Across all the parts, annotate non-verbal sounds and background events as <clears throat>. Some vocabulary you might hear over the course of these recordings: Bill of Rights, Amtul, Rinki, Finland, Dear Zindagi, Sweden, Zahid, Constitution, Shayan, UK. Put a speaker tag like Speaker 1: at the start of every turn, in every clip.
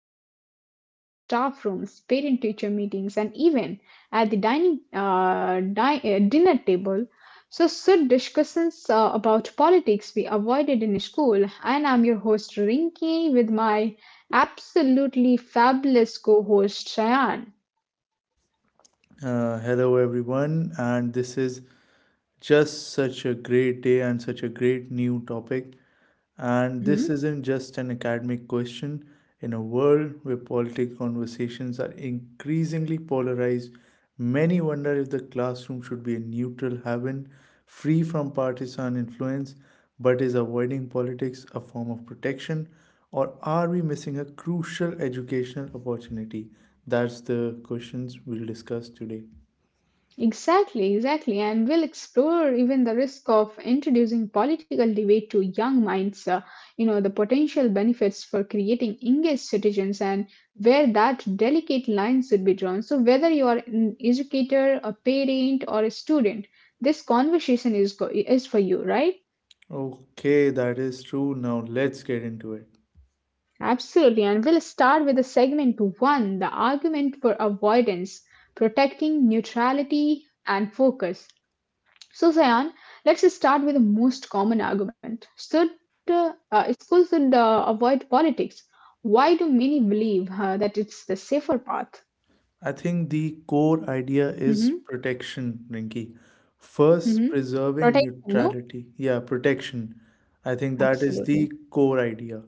Speaker 1: sparks debate in staff rooms, parent teacher meetings, and even at the dining, dinner table. So, should discussions about politics be avoided in school? And I'm your host, Rinki, with my absolutely fabulous co host, Shayan.
Speaker 2: Hello, everyone, and this is just such a great day and such a great new topic. And this isn't just an academic question. In a world where political conversations are increasingly polarized, many wonder if the classroom should be a neutral haven, free from partisan influence, but is avoiding politics a form of protection? Or are we missing a crucial educational opportunity? That's the questions we'll discuss today.
Speaker 1: Exactly, exactly. And we'll explore even the risk of introducing political debate to young minds, the potential benefits for creating engaged citizens and where that delicate line should be drawn. So, whether you are an educator, a parent, or a student, this conversation is for you, right?
Speaker 2: Okay, that is true. Now let's get into it.
Speaker 1: Absolutely. And we'll start with the segment one, the argument for avoidance, protecting neutrality and focus. So, Sayan, let's start with the most common argument. Should schools should avoid politics? Why do many believe that it's the safer path?
Speaker 2: I think the core idea is
Speaker 1: Hmm
Speaker 2: protection, Rinki. First,
Speaker 1: hmm
Speaker 2: preserving
Speaker 1: Protection, no?
Speaker 2: neutrality. Yeah, protection. I think that is the
Speaker 1: Absolutely.
Speaker 2: core idea.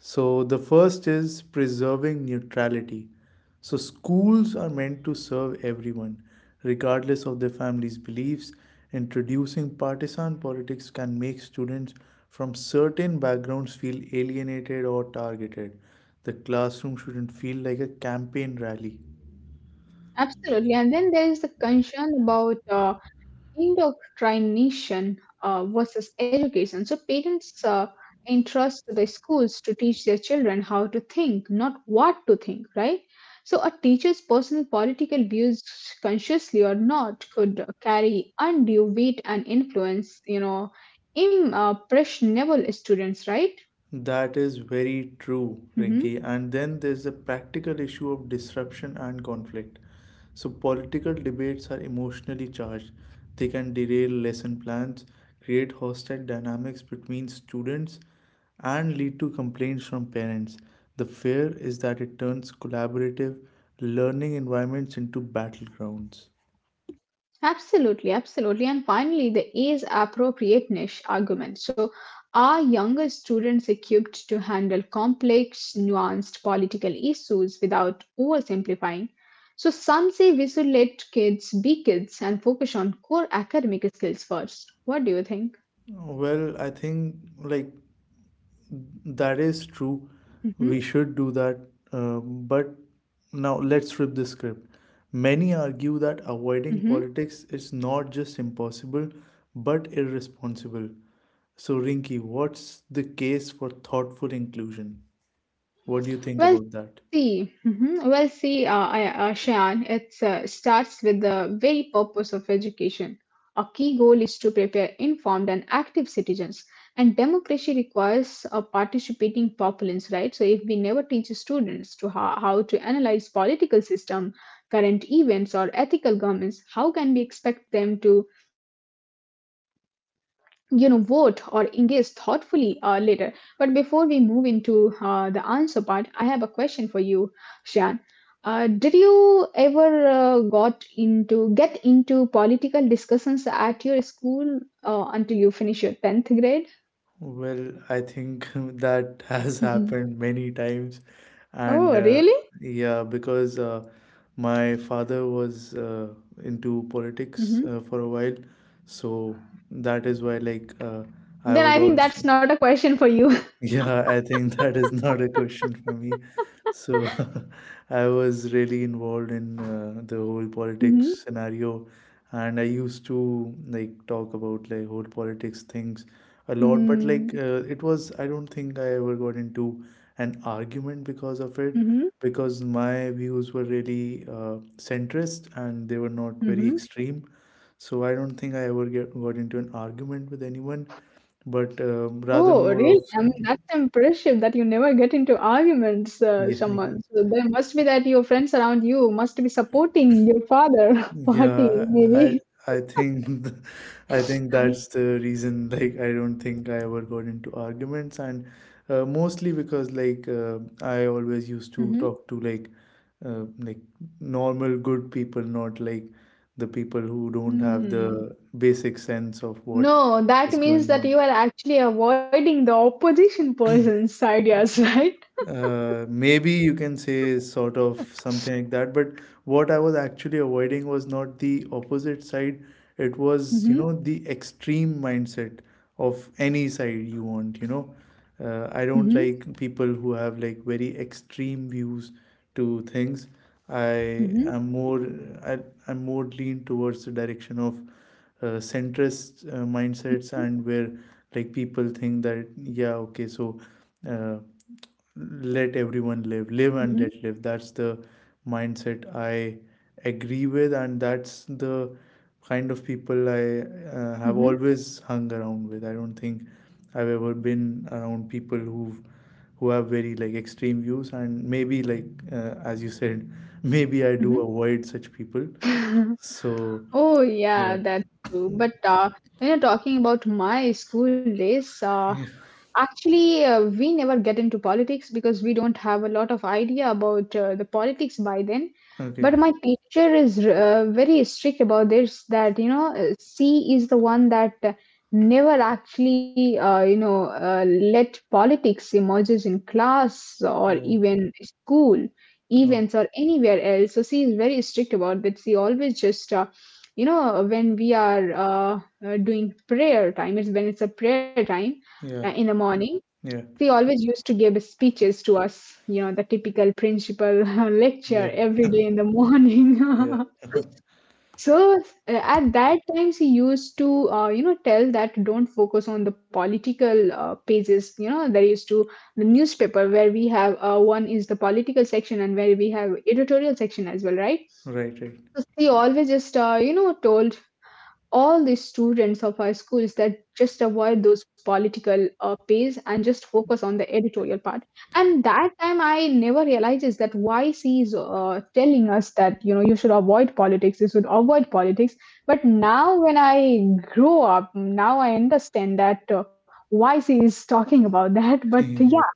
Speaker 2: So, the first is preserving neutrality. So, schools are meant to serve everyone, regardless of their family's beliefs. Introducing partisan politics can make students from certain backgrounds feel alienated or targeted. The classroom shouldn't feel like a campaign rally.
Speaker 1: Absolutely. And then there is the concern about indoctrination versus education. So parents entrust the schools to teach their children how to think, not what to think, right? So a teacher's personal political views, consciously or not, could carry undue weight and influence. You know, impressionable students, right?
Speaker 2: That is very true,
Speaker 1: Mhm.
Speaker 2: Rinki. And then there's the practical issue of disruption and conflict. So, political debates are emotionally charged. They can derail lesson plans, create hostile dynamics between students, and lead to complaints from parents. The fear is that it turns collaborative learning environments into battlegrounds.
Speaker 1: Absolutely, absolutely. And finally, the age appropriateness argument. So, are younger students equipped to handle complex, nuanced political issues without oversimplifying? So, some say we should let kids be kids and focus on core academic skills first. What do you think?
Speaker 2: Well, I think like that is true.
Speaker 1: Hmm
Speaker 2: We should do that. But now let's flip the script. Many argue that avoiding
Speaker 1: hmm
Speaker 2: politics is not just impossible, but irresponsible. So, Rinki, what's the case for thoughtful inclusion? What do you think
Speaker 1: Well,
Speaker 2: about that?
Speaker 1: see, mhm. Shayan, it starts with the very purpose of education. A key goal is to prepare informed and active citizens. And democracy requires a participating populace, right? So if we never teach students to how to analyze political system, current events, or ethical governments, how can we expect them to, you know, vote or engage thoughtfully later. But before we move into the answer part, I have a question for you, Shan. Uh, did you ever got into get into political discussions at your school until you finish your 10th grade?
Speaker 2: Well, I think <laughs> that has
Speaker 1: Mhm.
Speaker 2: happened many times, and
Speaker 1: Oh, really?
Speaker 2: yeah, because my father was into politics
Speaker 1: Hmm
Speaker 2: for a while, so that is why, like, I
Speaker 1: then
Speaker 2: was
Speaker 1: I think
Speaker 2: also.
Speaker 1: that's not a question for you. <laughs>
Speaker 2: Yeah, I think <laughs> that is not a question for me. So <laughs> I was really involved in the whole politics
Speaker 1: hmm
Speaker 2: scenario, and I used to like talk about like whole politics things a lot. But
Speaker 1: hmm
Speaker 2: like it was, I don't think I ever got into an argument because of it,
Speaker 1: hmm
Speaker 2: because my views were really centrist and they were not very
Speaker 1: hmm
Speaker 2: extreme. So I don't think I ever got into an argument with anyone, but rather
Speaker 1: Oh,
Speaker 2: more
Speaker 1: really?
Speaker 2: of
Speaker 1: I mean, that's impressive that you never get into arguments,
Speaker 2: yeah,
Speaker 1: Shaman. So there must be that your friends around you must be supporting your father <laughs> party,
Speaker 2: yeah, I
Speaker 1: maybe.
Speaker 2: I think <laughs> I think that's the reason like I don't think I ever got into arguments and mostly because like I always used to
Speaker 1: Mhm.
Speaker 2: talk to like uh, like normal good people, not like the people who don't have
Speaker 1: Hmm.
Speaker 2: the basic sense of what
Speaker 1: No, that
Speaker 2: is
Speaker 1: means
Speaker 2: going
Speaker 1: that you
Speaker 2: on.
Speaker 1: are actually avoiding the opposition person's ideas, <laughs> right?
Speaker 2: Maybe you can say sort of something like that, but what I was actually avoiding was not the opposite side. It was, you
Speaker 1: Mm-hmm.
Speaker 2: know, the extreme mindset of any side you want, you know. I don't
Speaker 1: Mm-hmm.
Speaker 2: like people who have like very extreme views to things. I
Speaker 1: Mm-hmm.
Speaker 2: am more, I, I'm more lean towards the direction of centrist mindsets, and where like people think that, yeah, okay, so uh, let everyone live and
Speaker 1: Mm-hmm.
Speaker 2: let live. That's the mindset I agree with, and that's the kind of people I have
Speaker 1: Mm-hmm.
Speaker 2: always hung around with. I don't think I've ever been around people who have very like extreme views, and maybe like as you said, <laughs> maybe I do
Speaker 1: Mm-hmm.
Speaker 2: avoid such people.
Speaker 1: <laughs>
Speaker 2: So
Speaker 1: Oh yeah,
Speaker 2: yeah,
Speaker 1: that's true. But when you're talking about my school days,
Speaker 2: yeah.
Speaker 1: actually, we never get into politics because we don't have a lot of idea about the politics by then. But
Speaker 2: Okay.
Speaker 1: my teacher is very strict about this that, you know, C is the one that never actually, let politics emerges in class or
Speaker 2: Oh,
Speaker 1: even school
Speaker 2: oh,
Speaker 1: events or anywhere else. So she is very strict about that. She always just when we are doing prayer time, it's when it's a prayer time in
Speaker 2: yeah,
Speaker 1: the morning,
Speaker 2: yeah,
Speaker 1: they always used to give speeches to us, you know, the typical principal <laughs> lecture
Speaker 2: yeah,
Speaker 1: every day in the morning.
Speaker 2: yeah.
Speaker 1: <laughs> So at that time she used to you know tell that don't focus on the political pages. You know, there used to the newspaper where we have one is the political section and where we have editorial section as well, right?
Speaker 2: Right, right.
Speaker 1: So she always just you know told all the students of our schools that just avoid those political pays and just focus on the editorial part. And that time I never realizes that why she is telling us that you know you should avoid politics, you should avoid politics. But now when I grow up now I understand that why she is talking about <laughs> that.
Speaker 2: <laughs>
Speaker 1: But
Speaker 2: Yeah.
Speaker 1: yeah.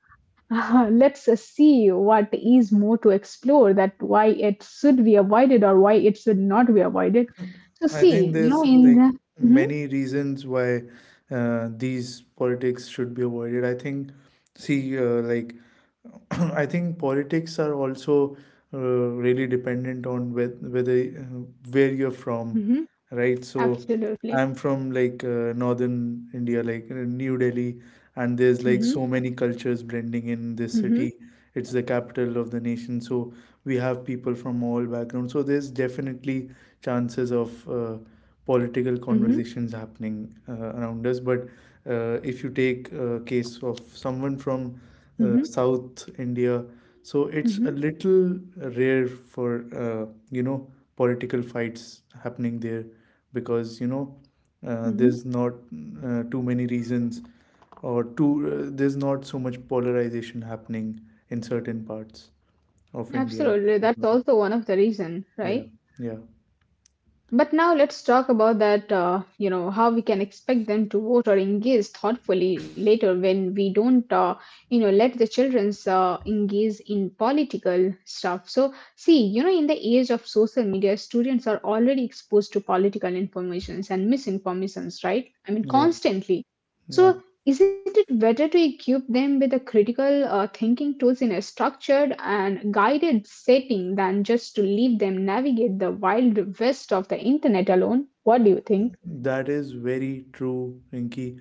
Speaker 1: <laughs> Let's see what is more to explore, that why it should be avoided or why it should not be avoided. So
Speaker 2: I think
Speaker 1: see, you know,
Speaker 2: there's
Speaker 1: in
Speaker 2: like
Speaker 1: the, hmm,
Speaker 2: many reasons why these politics should be avoided. I think, see, <clears throat> I think politics are also really dependent on whether where you're from,
Speaker 1: hmm
Speaker 2: right? So
Speaker 1: absolutely,
Speaker 2: I'm from like northern India, like New Delhi, and there's like
Speaker 1: hmm
Speaker 2: so many cultures blending in this
Speaker 1: hmm
Speaker 2: city. It's the capital of the nation, so we have people from all backgrounds. So there's definitely chances of political
Speaker 1: hmm
Speaker 2: conversations happening around us. But if you take a case of someone from
Speaker 1: hmm
Speaker 2: South India, so it's a
Speaker 1: hmm
Speaker 2: little rare for you know, political fights happening there, because you know there's
Speaker 1: hmm
Speaker 2: not too many reasons, or too there's not so much polarization happening in certain parts of India.
Speaker 1: absolutely,
Speaker 2: As
Speaker 1: that's
Speaker 2: well.
Speaker 1: also one of the reason,
Speaker 2: Yeah,
Speaker 1: right?
Speaker 2: yeah,
Speaker 1: But now let's talk about that, you know, how we can expect them to vote or engage thoughtfully later when we don't, you know, let the children's engage in political stuff. So, see, you know, in the age of social media, students are already exposed to political informations and misinformations, right? I mean,
Speaker 2: yeah,
Speaker 1: constantly.
Speaker 2: yeah.
Speaker 1: So isn't it better to equip them with the critical thinking tools in a structured and guided setting than just to leave them navigate the wild west of the internet alone? What do you think?
Speaker 2: That is very true, Rinki.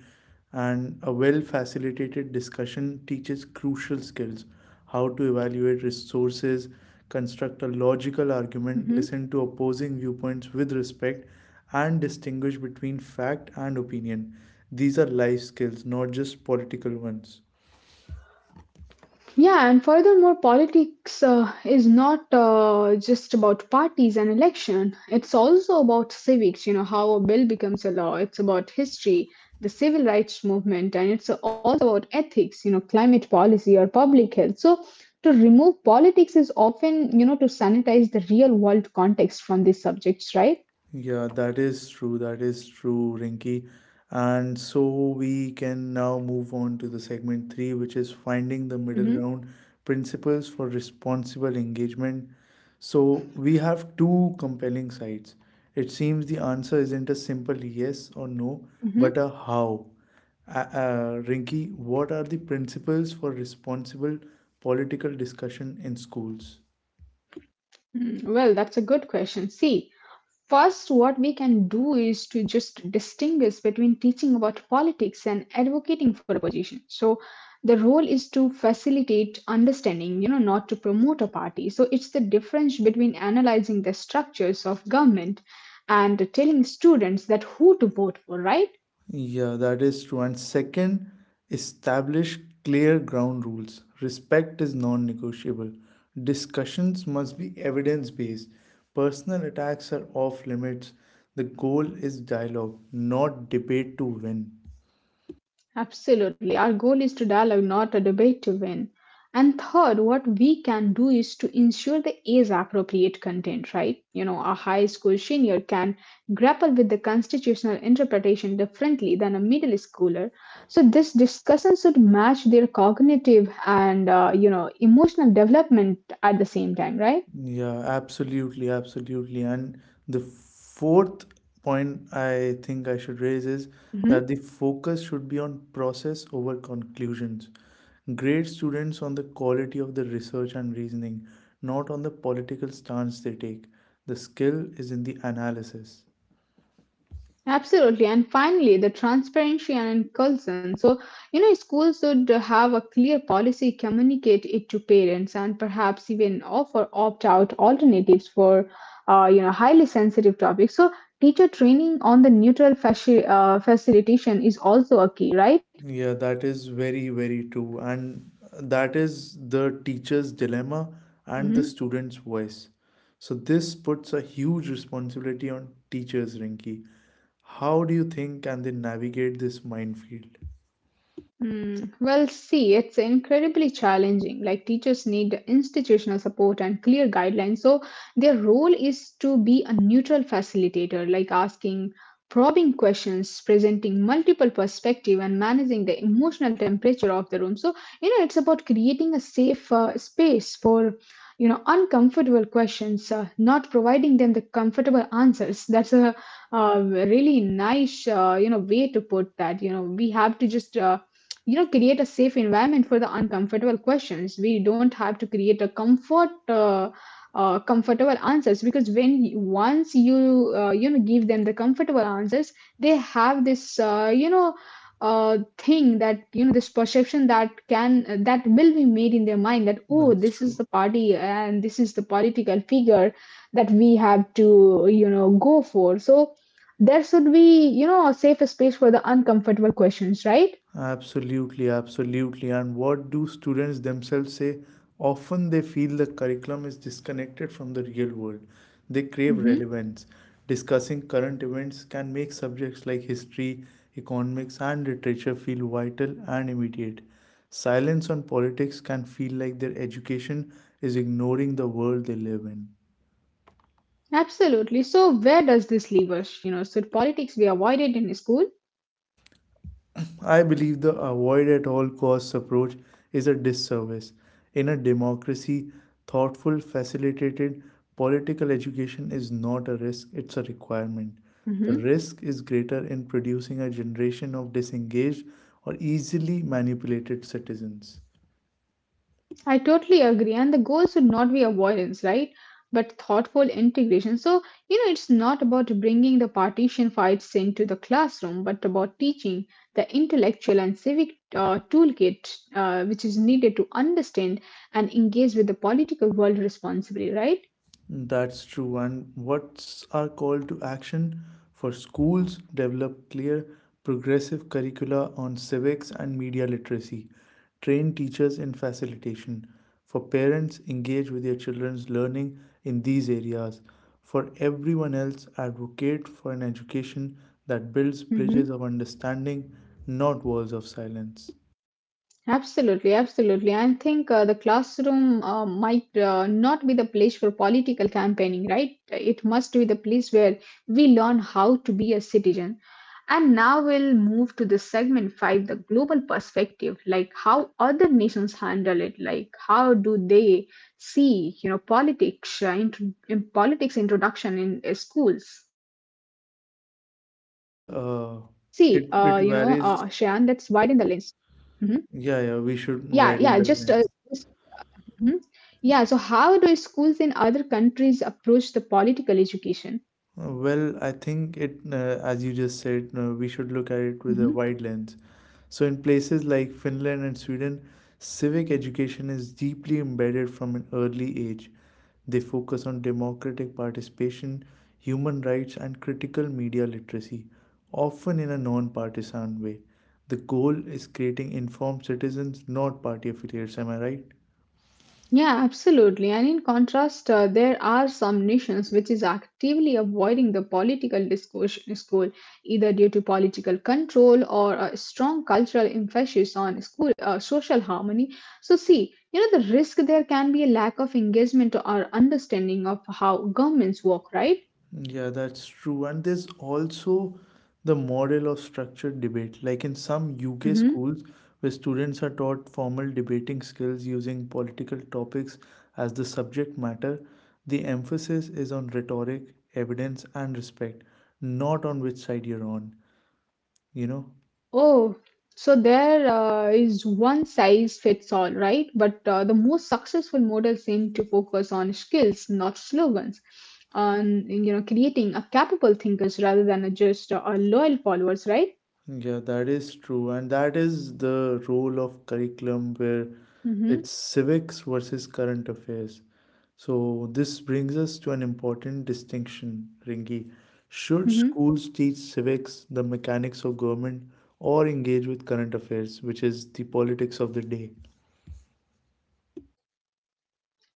Speaker 2: And a well facilitated discussion teaches crucial skills: how to evaluate resources, construct a logical argument, listen to opposing viewpoints with respect, and distinguish between fact and opinion. These are life skills, not just political ones.
Speaker 1: Yeah, and furthermore, politics is not just about parties and election. It's also about civics, you know, how a bill becomes a law. It's about history, the civil rights movement, and it's also about ethics, you know, climate policy or public health. So, to remove politics is often, you know, to sanitize the real world context from these subjects, right?
Speaker 2: Yeah, that is true. That is true, Rinky. And so we can now move on to the segment three, which is finding the
Speaker 1: Mm-hmm,
Speaker 2: middle ground principles for responsible engagement. So we have two compelling sides. It seems the answer isn't a simple yes or no, but a how. Rinky, what are the principles for responsible political discussion in schools?
Speaker 1: mm-hmm. Well, that's a good question. See, first, what we can do is to just distinguish between teaching about politics and advocating for a position. So, the role is to facilitate understanding, you know, not to promote a party. So, it's the difference between analyzing the structures of government and telling students that who to vote for, right?
Speaker 2: Yeah, that is true. And second, establish clear ground rules. Respect is non negotiable. Discussions must be evidence based. Personal attacks are off limits. The goal is dialogue, not debate to win.
Speaker 1: Absolutely. Our goal is to dialogue, not a debate to win. And third, what we can do is to ensure the age appropriate content, right? You know, a high school senior can grapple with the constitutional interpretation differently than a middle schooler. So this discussion should match their cognitive and, you know, emotional development at the same time, right?
Speaker 2: Yeah, absolutely, absolutely. And the fourth point I think I should raise is
Speaker 1: Mhm.
Speaker 2: that the focus should be on process over conclusions. Grade students on the quality of the research and reasoning, not on the political stance they take. The skill is in the analysis.
Speaker 1: Absolutely. And finally, the transparency and inclusion. So, you know, schools should have a clear policy, communicate it to parents, and perhaps even offer opt out alternatives for, you know, highly sensitive topics. So, teacher training on the neutral facilitation is also a key, right?
Speaker 2: Yeah, that is very, very true. And that is the teacher's dilemma and the
Speaker 1: hmm
Speaker 2: student's voice. So, this puts a huge responsibility on teachers, Rinki. How do you think can they navigate this minefield?
Speaker 1: Mm, well, see, it's incredibly challenging. Like, teachers need institutional support and clear guidelines. So, their role is to be a neutral facilitator, like asking probing questions, presenting multiple perspective, and managing the emotional temperature of the room. So, you know, it's about creating a safe space for, you know, uncomfortable questions, not providing them the comfortable answers. That's a, really nice, you know, way to put that. You know, we have to just you know create a safe environment for the uncomfortable questions. We don't have to create a comfortable answers, because once you you know give them the comfortable answers, they have this you know thing that you know this perception that can that will be made in their mind that oh
Speaker 2: That's
Speaker 1: this is
Speaker 2: true.
Speaker 1: the party and this is the political figure that we have to you know go for. So there should be you know a safe space for the uncomfortable questions, right?
Speaker 2: Absolutely, absolutely. And what do students themselves say? Often they feel the curriculum is disconnected from the real world. They crave
Speaker 1: Mhm.
Speaker 2: relevance. Discussing current events can make subjects like history, economics, and literature feel vital and immediate. Silence on politics can feel like their education is ignoring the world they live in.
Speaker 1: Absolutely. So where does this leave us? You know, should politics be avoided in school?
Speaker 2: I believe the avoid at all costs approach is a disservice. In a democracy, thoughtful, facilitated political education is not a risk, it's a requirement. The
Speaker 1: Hmm
Speaker 2: risk is greater in producing a generation of disengaged or easily manipulated citizens.
Speaker 1: I totally agree. And the goal should not be avoidance, right? But thoughtful integration. So, you know, it's not about bringing the partition fights into the classroom, but about teaching the intellectual and civic toolkit which is needed to understand and engage with the political world responsibly, right?
Speaker 2: That's true. And what's our call to action for schools? Develop clear, progressive curricula on civics and media literacy. Train teachers in facilitation. For parents, engage with your children's learning in these areas. For everyone else, advocate for an education that builds bridges
Speaker 1: Mhm.
Speaker 2: of understanding, not walls of silence.
Speaker 1: Absolutely, absolutely. I think the classroom might not be the place for political campaigning, right? It must be the place where we learn how to be a citizen. And now we'll move to the segment five, the global perspective, like how other nations handle it, like how do they see, you know, politics, in politics introduction in schools. So see,
Speaker 2: Well, uh,
Speaker 1: Shayan, let's
Speaker 2: it,
Speaker 1: widen the
Speaker 2: it
Speaker 1: lens.
Speaker 2: varies.
Speaker 1: Hmm
Speaker 2: Yeah,
Speaker 1: Yeah,
Speaker 2: yeah,
Speaker 1: yeah,
Speaker 2: we
Speaker 1: just
Speaker 2: should widen the lens.
Speaker 1: Mhm. Yeah, so how do schools in other countries approach the political education?
Speaker 2: Well, I think it, as you just said, we should look at it with a
Speaker 1: Mhm.
Speaker 2: wide lens. So, in places like Finland and Sweden, civic education is deeply embedded from an early age. They focus on democratic participation, human rights, and critical media literacy, often in a non partisan way. The goal is creating informed citizens, not party affiliates. Am I right?
Speaker 1: Yeah, absolutely. And in contrast, there are some nations which is actively avoiding the political discourse in school, either due to political control or a strong cultural emphasis on school social harmony. So, see, you know, the risk there can be a lack of engagement or understanding of how governments work, right?
Speaker 2: Yeah, that's true. And there's also the model of structured debate. Like in some UK
Speaker 1: Mhm.
Speaker 2: schools, where students are taught formal debating skills using political topics as the subject matter, the emphasis is on rhetoric, evidence, and respect, not on which side you're on, you know?
Speaker 1: Oh, so there is one size fits all, right? But the most successful models seem to focus on skills, not slogans, on you know creating a capable thinkers rather than a just a loyal followers, right?
Speaker 2: Yeah, that is true. And that is the role of curriculum where
Speaker 1: Mm-hmm,
Speaker 2: it's civics versus current affairs. So this brings us to an important distinction, Ringi. Should
Speaker 1: mm-hmm.
Speaker 2: schools teach civics, the mechanics of government, or engage with current affairs, which is the politics of the day?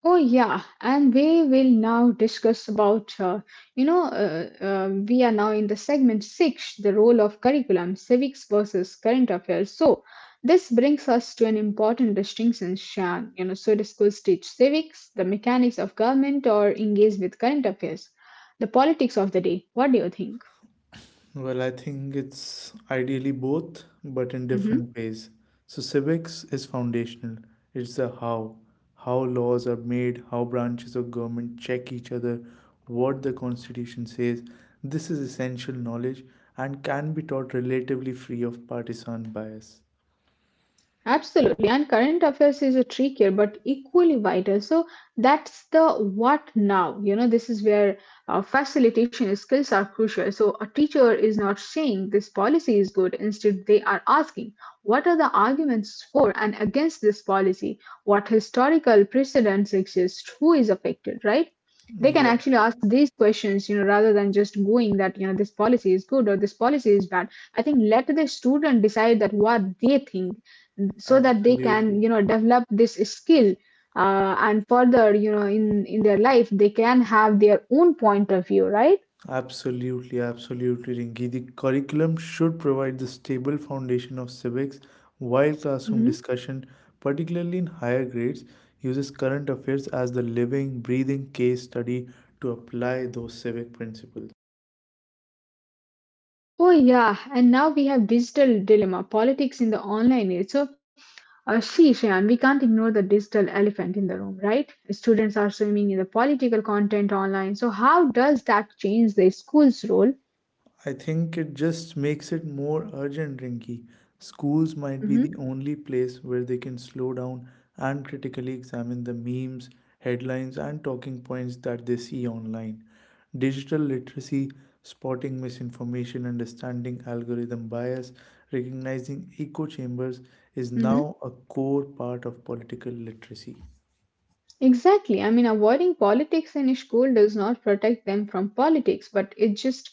Speaker 1: Oh yeah, and we will now discuss about we are now in the segment six, the role of curriculum, civics versus current affairs. So this brings us to an important distinction, Shan. So the schools teach civics, the mechanics of government, or engage with current affairs, the politics of the day. What do you think?
Speaker 2: Well, I think it's ideally both, but in
Speaker 1: Mm-hmm.
Speaker 2: different ways. So, civics is foundational. It's the how. How laws are made, how branches of government check each other, what the Constitution says. This is essential knowledge and can be taught relatively free of partisan bias.
Speaker 1: Absolutely. And current affairs is a trickier but equally vital. So that's the what now. You know, this is where facilitation skills are crucial. So a teacher is not saying this policy is good. Instead, they are asking what are the arguments for and against this policy? What historical precedents exist? Who is affected, right? They can
Speaker 2: Yeah,
Speaker 1: actually ask these questions, you know, rather than just going that, you know, this policy is good or this policy is bad. I think let the student decide that what they think so that they
Speaker 2: absolutely.
Speaker 1: can you know develop this skill and further you know in their life they can have their own point of view, right.
Speaker 2: Absolutely, absolutely, Rinki. The curriculum should provide the stable foundation of civics while classroom
Speaker 1: Hmm.
Speaker 2: discussion, particularly in higher grades, uses current affairs as the living, breathing case study to apply those civic principles.
Speaker 1: Oh yeah, and now we have digital dilemma, politics in the online age. So, see, Shayan, we can't ignore the digital elephant in the room, right? Students are swimming in the political content online. So, how does that change the school's role?
Speaker 2: I think it just makes it more urgent, Rinky. Schools might be
Speaker 1: Hmm.
Speaker 2: the only place where they can slow down and critically examine the memes, headlines, and talking points that they see online. Digital literacy, spotting misinformation, understanding algorithm bias, recognizing echo chambers, is now a core part of political literacy.
Speaker 1: Exactly. I mean, avoiding politics in school does not protect them from politics, but it just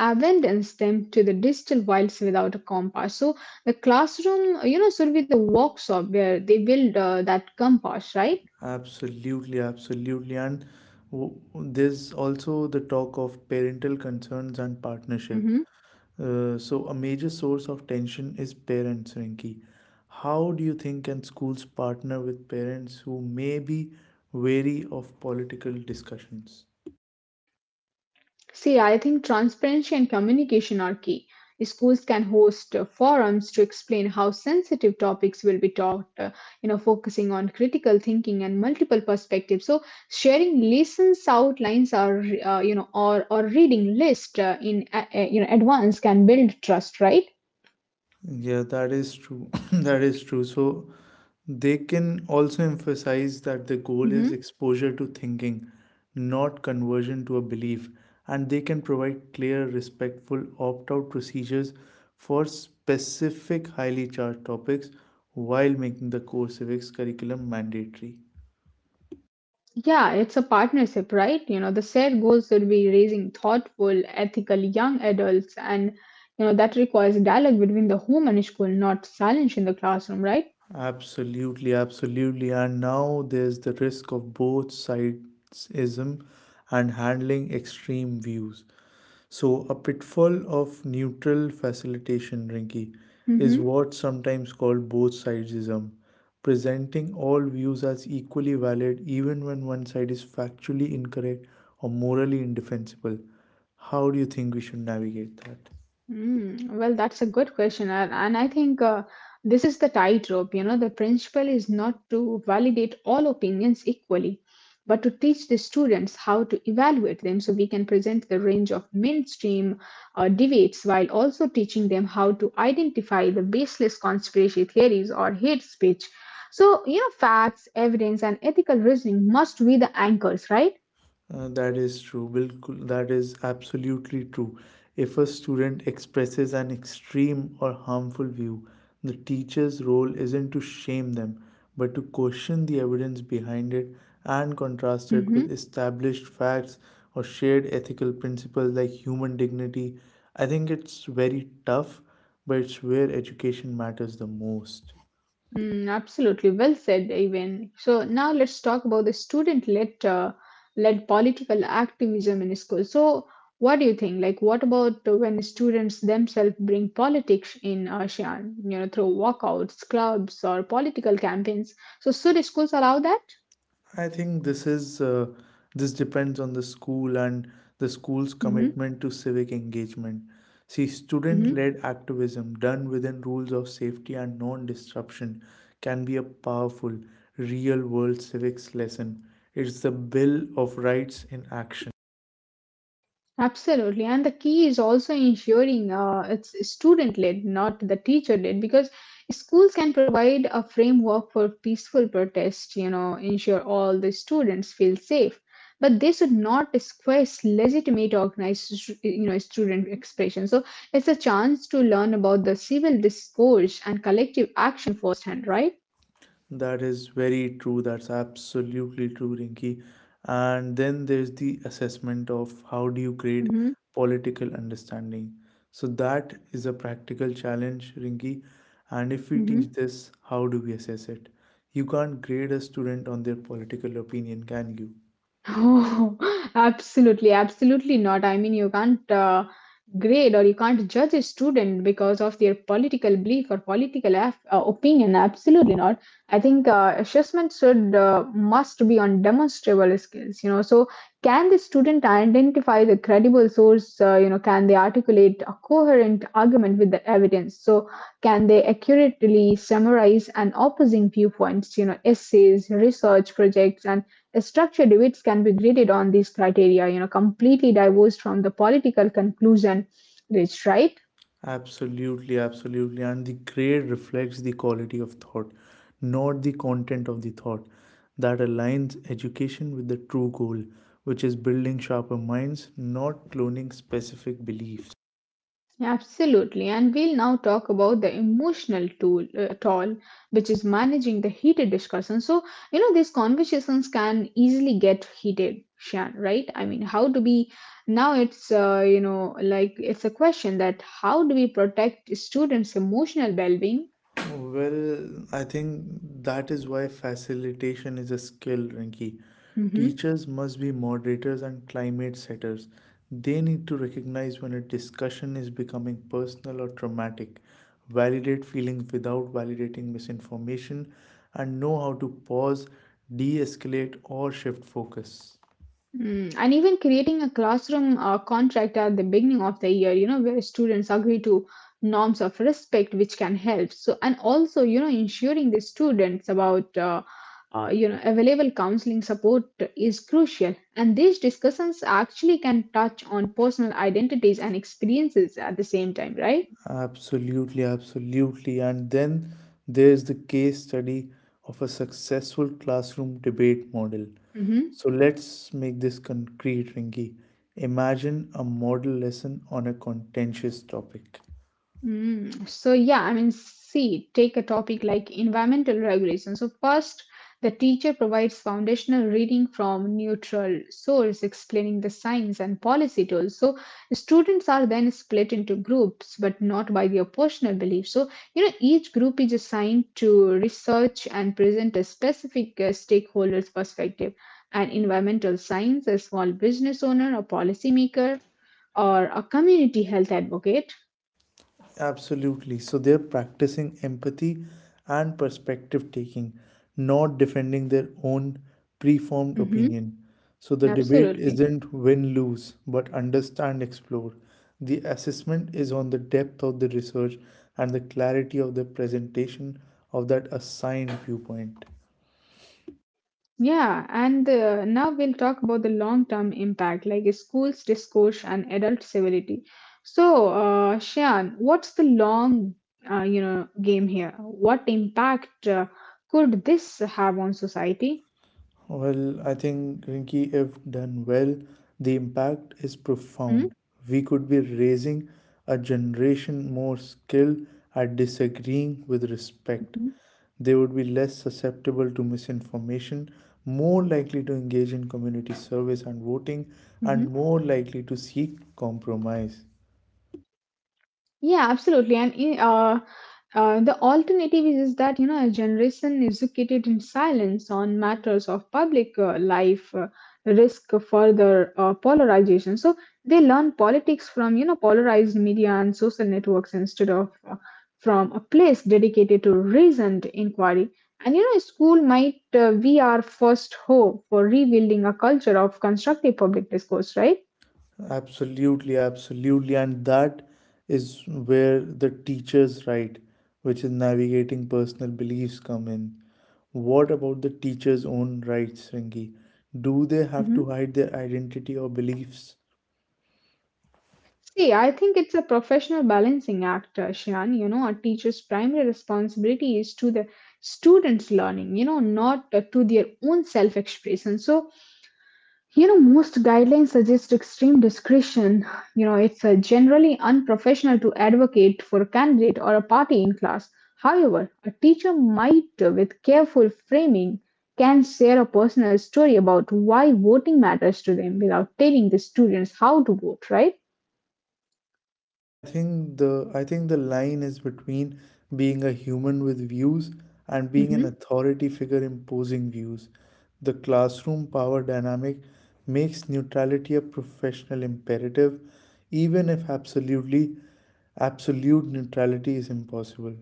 Speaker 1: abandons them to the digital wilds without a compass. So the classroom, you know, should be the workshop where they build that compass, right?
Speaker 2: Absolutely, absolutely. And there's also the talk of parental concerns and partnership.
Speaker 1: Hmm.
Speaker 2: So, a major source of tension is parents, Rinki. How do you think can schools partner with parents who may be wary of political discussions?
Speaker 1: See, I think transparency and communication are key. Schools can host forums to explain how sensitive topics will be taught, you know, focusing on critical thinking and multiple perspectives. So, sharing lessons outlines or you know or reading list in you know advance can build trust, right?
Speaker 2: Yeah, that is true. <coughs> <clears throat> That is true. So, they can also emphasize that the goal is exposure to thinking, not conversion to a belief, and they can provide clear, respectful opt out procedures for specific, highly charged topics while making the core civics curriculum mandatory.
Speaker 1: Yeah, it's a partnership, right? You know, the shared goals should be raising thoughtful, ethical young adults, and you know that requires dialogue between the home and school, not silence in the classroom, right?
Speaker 2: Absolutely, absolutely. And now there's the risk of both sidesism and handling extreme views. So, a pitfall of neutral facilitation, Rinki, is
Speaker 1: Mm-hmm.
Speaker 2: what's sometimes called both sidesism, presenting all views as equally valid even when one side is factually incorrect or morally indefensible. How do you think we should navigate that?
Speaker 1: Mm, well, that's a good question, and I think this is the tightrope. You know, the principle is not to validate all opinions equally, but to teach the students how to evaluate them so we can present the range of mainstream debates while also teaching them how to identify the baseless conspiracy theories or hate speech. So, you know, facts, evidence, and ethical reasoning must be the anchors, right?
Speaker 2: That is true. Bilkul, that is absolutely true. If a student expresses an extreme or harmful view, the teacher's role isn't to shame them, but to question the evidence behind it and contrast it with established facts or shared ethical principles like human dignity. I think it's very tough, but it's where education matters the most.
Speaker 1: Mm, absolutely, well said, even. So now let's talk about the student-led led political activism in school. So what do you think? Like, what about when students themselves bring politics in ASEAN, you know, through walkouts, clubs, or political campaigns? So should schools allow that?
Speaker 2: I think this depends on the school and the school's
Speaker 1: Mm-hmm.
Speaker 2: commitment to civic engagement. See,
Speaker 1: Mm-hmm.
Speaker 2: student-led activism done within rules of safety and non-disruption can be a powerful real-world civics lesson. It's the Bill of Rights in action.
Speaker 1: Absolutely, and the key is also ensuring it's student led, not the teacher led, because schools can provide a framework for peaceful protest, you know, ensure all the students feel safe. But they should not discuss legitimate organized, you know, student expression. So it's a chance to learn about the civil discourse and collective action firsthand, right?
Speaker 2: That is very true. That's absolutely true, Rinki. And then there's the assessment of how do you grade
Speaker 1: Hmm.
Speaker 2: political understanding. So that is a practical challenge, Rinki. And if we teach
Speaker 1: Hmm.
Speaker 2: this, how do we assess it? You can't grade a student on their political opinion, can you?
Speaker 1: Oh, <laughs> absolutely, absolutely not. I mean, you can't grade or you can't judge a student because of their political belief or political af opinion. Absolutely not. I think assessment should must be on demonstrable skills. You know, so can the student identify the credible source? You know, can they articulate a coherent argument with the evidence? So can they accurately summarize an opposing viewpoints? You know, essays, research projects, and structure debates can be graded on these criteria, you know, completely divorced from the political conclusion reached, right?
Speaker 2: Absolutely, absolutely. And the grade reflects the quality of thought, not the content of the thought. That aligns education with the true goal, which is building sharper minds, not cloning specific beliefs.
Speaker 1: Absolutely, and we'll now talk about the emotional toll, which is managing the heated discussion. So, you know, these conversations can easily get heated, Shan, right? I mean, how do we now it's, you know, like it's a question that how do we protect students' emotional well being?
Speaker 2: Well, I think that is why facilitation is a skill, Rinki. Teachers must be moderators and climate setters. They need to recognize when a discussion is becoming personal or traumatic, validate feelings without validating misinformation, and know how to pause, de escalate, or shift focus.
Speaker 1: Mm, and even creating a classroom contract at the beginning of the year, you know, where students agree to norms of respect, which can help. So, and also, you know, ensuring the students about, you know, available counseling support is crucial. And these discussions actually can touch on personal identities and experiences at the same time, right?
Speaker 2: Absolutely, absolutely. And then there's the case study of a successful classroom debate model.
Speaker 1: Mhm.
Speaker 2: So let's make this concrete, Rinky. Imagine a model lesson on a contentious topic.
Speaker 1: Mm, so yeah, I mean, see, take a topic like environmental regulation. So first, the teacher provides foundational reading from neutral source explaining the science and policy tools. So students are then split into groups, but not by their personal beliefs. So, you know, each group is assigned to research and present a specific stakeholder's perspective. An environmental science, a small business owner, a policymaker, or a community health advocate.
Speaker 2: Absolutely. So they're practicing empathy and perspective taking, not defending their own preformed
Speaker 1: Hmm.
Speaker 2: opinion. So the debate
Speaker 1: Absolutely.
Speaker 2: isn't win lose, but understand explore. The assessment is on the depth of the research and the clarity of the presentation of that assigned viewpoint.
Speaker 1: Yeah, and now we'll talk about the long-term impact, like schools discourse and adult civility. So, Shayan, what's the long, you know, game here? What impact could this have on society?
Speaker 2: Well, I think, Rinki, if done well, the impact is profound. We could be raising a generation more skilled at disagreeing with respect.
Speaker 1: Mm-hmm.
Speaker 2: They would be less susceptible to misinformation, more likely to engage in community service and voting, and more likely to seek compromise.
Speaker 1: Yeah, absolutely. And the alternative is that you know a generation educated in silence on matters of public life risk further polarization. So they learn politics from you know polarized media and social networks instead of from a place dedicated to reasoned inquiry. And you know, school might be our first hope for rebuilding a culture of constructive public discourse, right?
Speaker 2: Absolutely, absolutely. And that is where the teacher's right, which is navigating personal beliefs, come in. What about the teacher's own rights, Ringi? Do they have
Speaker 1: Mhm.
Speaker 2: to hide their identity or beliefs?
Speaker 1: See, I think it's a professional balancing act, Shan. You know, a teacher's primary responsibility is to the students' learning, you know, not to their own self expression. So, you know, most guidelines suggest extreme discretion. You know, it's generally unprofessional to advocate for a candidate or a party in class. However, a teacher might, with careful framing, can share a personal story about why voting matters to them without telling the students how to vote, right?
Speaker 2: I think the line is between being a human with views and being an authority figure imposing views. The classroom power dynamic makes neutrality a professional imperative, even if absolute neutrality is impossible,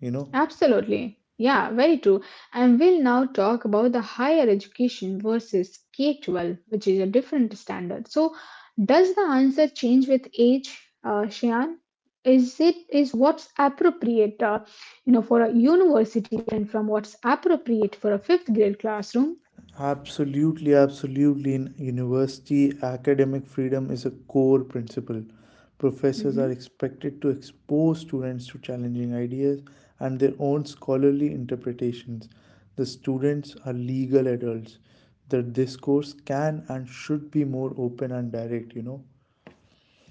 Speaker 2: you know?
Speaker 1: Absolutely. Yeah, very true. And we'll now talk about the higher education versus K 12, which is a different standard. So, does the answer change with age, Shayan? Is what's appropriate, you know, for a university different from what's appropriate for a fifth grade classroom?
Speaker 2: Absolutely, absolutely. In university, academic freedom is a core principle. Professors are
Speaker 1: Mm-hmm.
Speaker 2: expected to expose students to challenging ideas and their own scholarly interpretations. The students are legal adults. The discourse can and should be more open and direct, you know.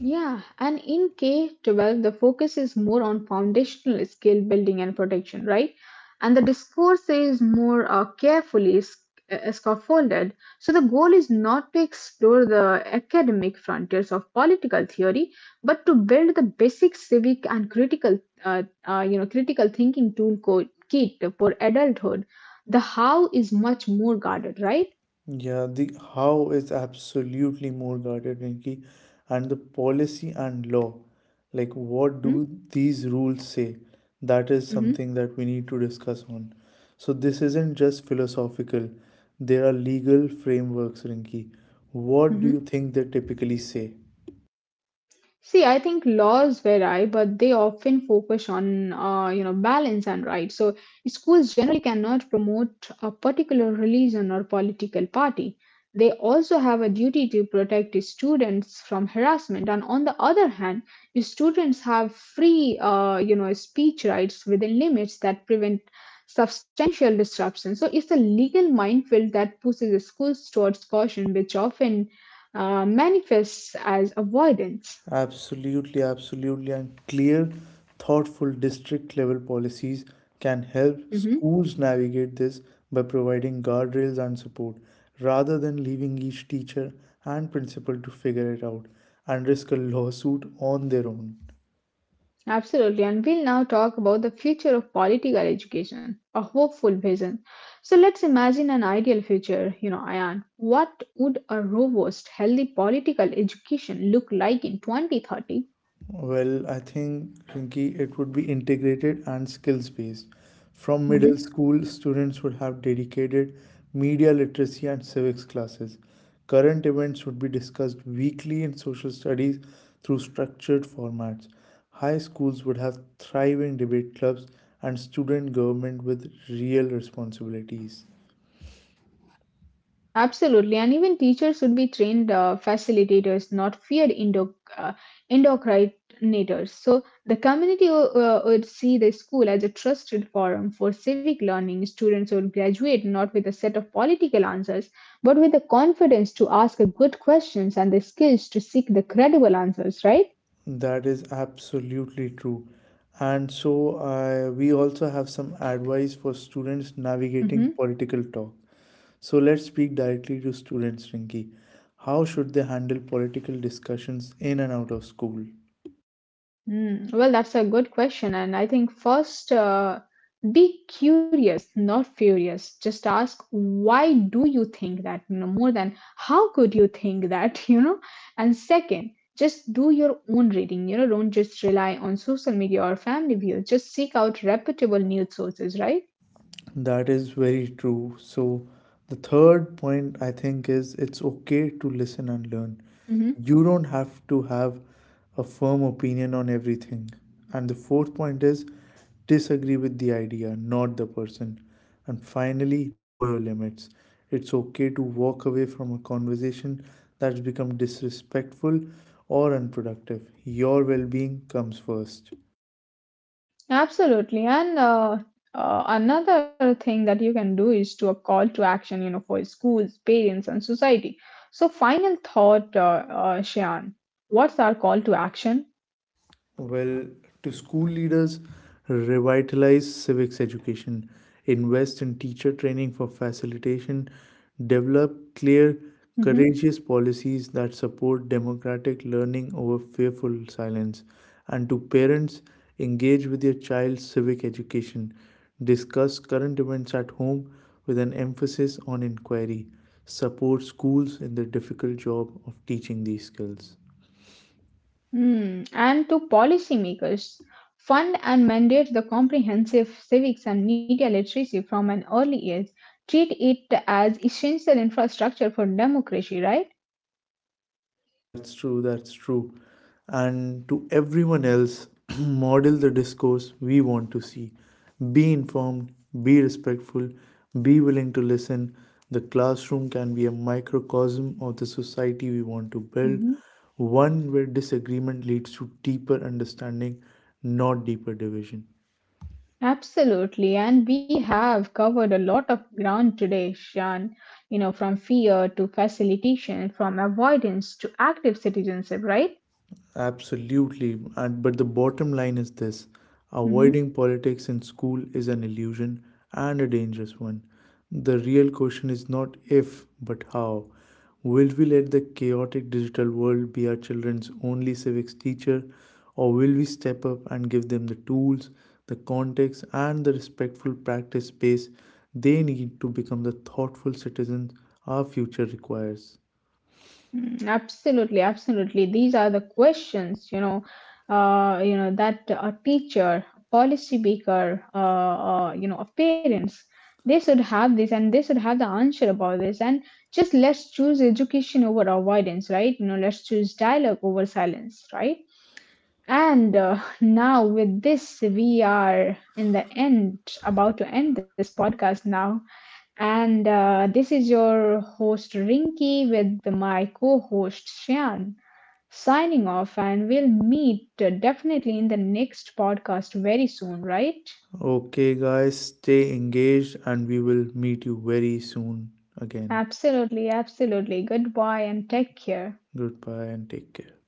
Speaker 1: Yeah, and in K 12, the focus is more on foundational skill building and protection, right? And the discourse is more carefully scaffolded. So, the goal is not to explore the academic frontiers of political theory, but to build the basic civic and critical, you know, critical thinking kit for adulthood. The how is much more guarded, right?
Speaker 2: Yeah, the how is absolutely more guarded, Rinki, and the policy and law. Like, what do
Speaker 1: Mm-hmm,
Speaker 2: these rules say? That is
Speaker 1: mm-hmm,
Speaker 2: something that we need to discuss on. So, this isn't just philosophical, there are legal frameworks, Rinki. What do
Speaker 1: mm-hmm.
Speaker 2: you think they typically say?
Speaker 1: See, I think laws vary, but they often focus on you know balance and right. So schools generally cannot promote a particular religion or political party. They also have a duty to protect the students from harassment. And on the other hand, the students have free you know speech rights within limits that prevent substantial disruption. So it's a legal minefield that pushes schools towards caution, which often manifests as avoidance.
Speaker 2: Absolutely, absolutely. And clear, thoughtful district level policies can help
Speaker 1: Mhm.
Speaker 2: schools navigate this by providing guardrails and support rather than leaving each teacher and principal to figure it out and risk a lawsuit on their own.
Speaker 1: Absolutely. And we'll now talk about the future of political education, a hopeful vision. So let's imagine an ideal future, you know, Ayan. What would a robust, healthy political education look like in 2030?
Speaker 2: Well, I think, Rinki, it would be integrated and skills based. From middle school, students would have dedicated media literacy and civics classes. Current events would be discussed weekly in social studies through structured formats. High schools would have thriving debate clubs and student government with real responsibilities.
Speaker 1: Absolutely, and even teachers should be trained facilitators, not fear indo endocrinators. So the community would see the school as a trusted forum for civic learning. Students would graduate not with a set of political answers, but with the confidence to ask good questions and the skills to seek the credible answers, right?
Speaker 2: That is absolutely true. And so I we also have some advice for students navigating
Speaker 1: Mhm.
Speaker 2: political talk. So let's speak directly to students, Rinki. How should they handle political discussions in and out of school?
Speaker 1: Mm, well, that's a good question. And I think first, be curious, not furious. Just ask, why do you think that? You know, more than how could you think that? <laughs> You know, and second, just do your own reading. You know, don't just rely on social media or family views. Just seek out reputable news sources, right?
Speaker 2: That is very true. So the third point, I think, is it's okay to listen and learn.
Speaker 1: Hmm.
Speaker 2: You don't have to have a firm opinion on everything. And the fourth point is disagree with the idea, not the person. And finally, know your limits. It's okay to walk away from a conversation that's become disrespectful or unproductive. Your well being comes first.
Speaker 1: Absolutely. And another thing that you can do is to a call to action, you know, for schools, parents, and society. So, final thought, Shayan, what's our call to action?
Speaker 2: Well, to school leaders, revitalize civics education, invest in teacher training for facilitation, develop clear,
Speaker 1: Mm-hmm.
Speaker 2: courageous policies that support democratic learning over fearful silence, and to parents, engage with your child's civic education, discuss current events at home with an emphasis on inquiry, support schools in the difficult job of teaching these skills.
Speaker 1: Mm, and to policymakers, fund and mandate the comprehensive civics and media literacy from an early age. Treat it as essential infrastructure for democracy, right?
Speaker 2: That's true, that's true. And to everyone else, <clears throat> model the discourse we want to see. Be informed, be respectful, be willing to listen. The classroom can be a microcosm of the society we want to build,
Speaker 1: Mhm.
Speaker 2: one where disagreement leads to deeper understanding, not deeper division.
Speaker 1: Absolutely, and we have covered a lot of ground today, Shan. You know, from fear to facilitation, from avoidance to active citizenship, right?
Speaker 2: Absolutely. And but the bottom line is this:
Speaker 1: Hmm.
Speaker 2: avoiding politics in school is an illusion and a dangerous one. The real question is not if, but how. Will we let the chaotic digital world be our children's only civics teacher, or will we step up and give them the tools, the context, and the respectful practice space they need to become the thoughtful citizens our future requires?
Speaker 1: Absolutely, absolutely. These are the questions, you know that a teacher, policy maker, you know, of parents, they should have this, and they should have the answer about this. And just let's choose education over avoidance, right? You know, let's choose dialogue over silence, right? And now, with this, we are in the end, about to end this podcast now. And this is your host Rinky with my co host Shyan signing off, and we'll meet definitely in the next podcast very soon, right?
Speaker 2: Okay, guys, stay engaged and we will meet you very soon again.
Speaker 1: Absolutely, absolutely. Goodbye and take care.
Speaker 2: Goodbye and take care.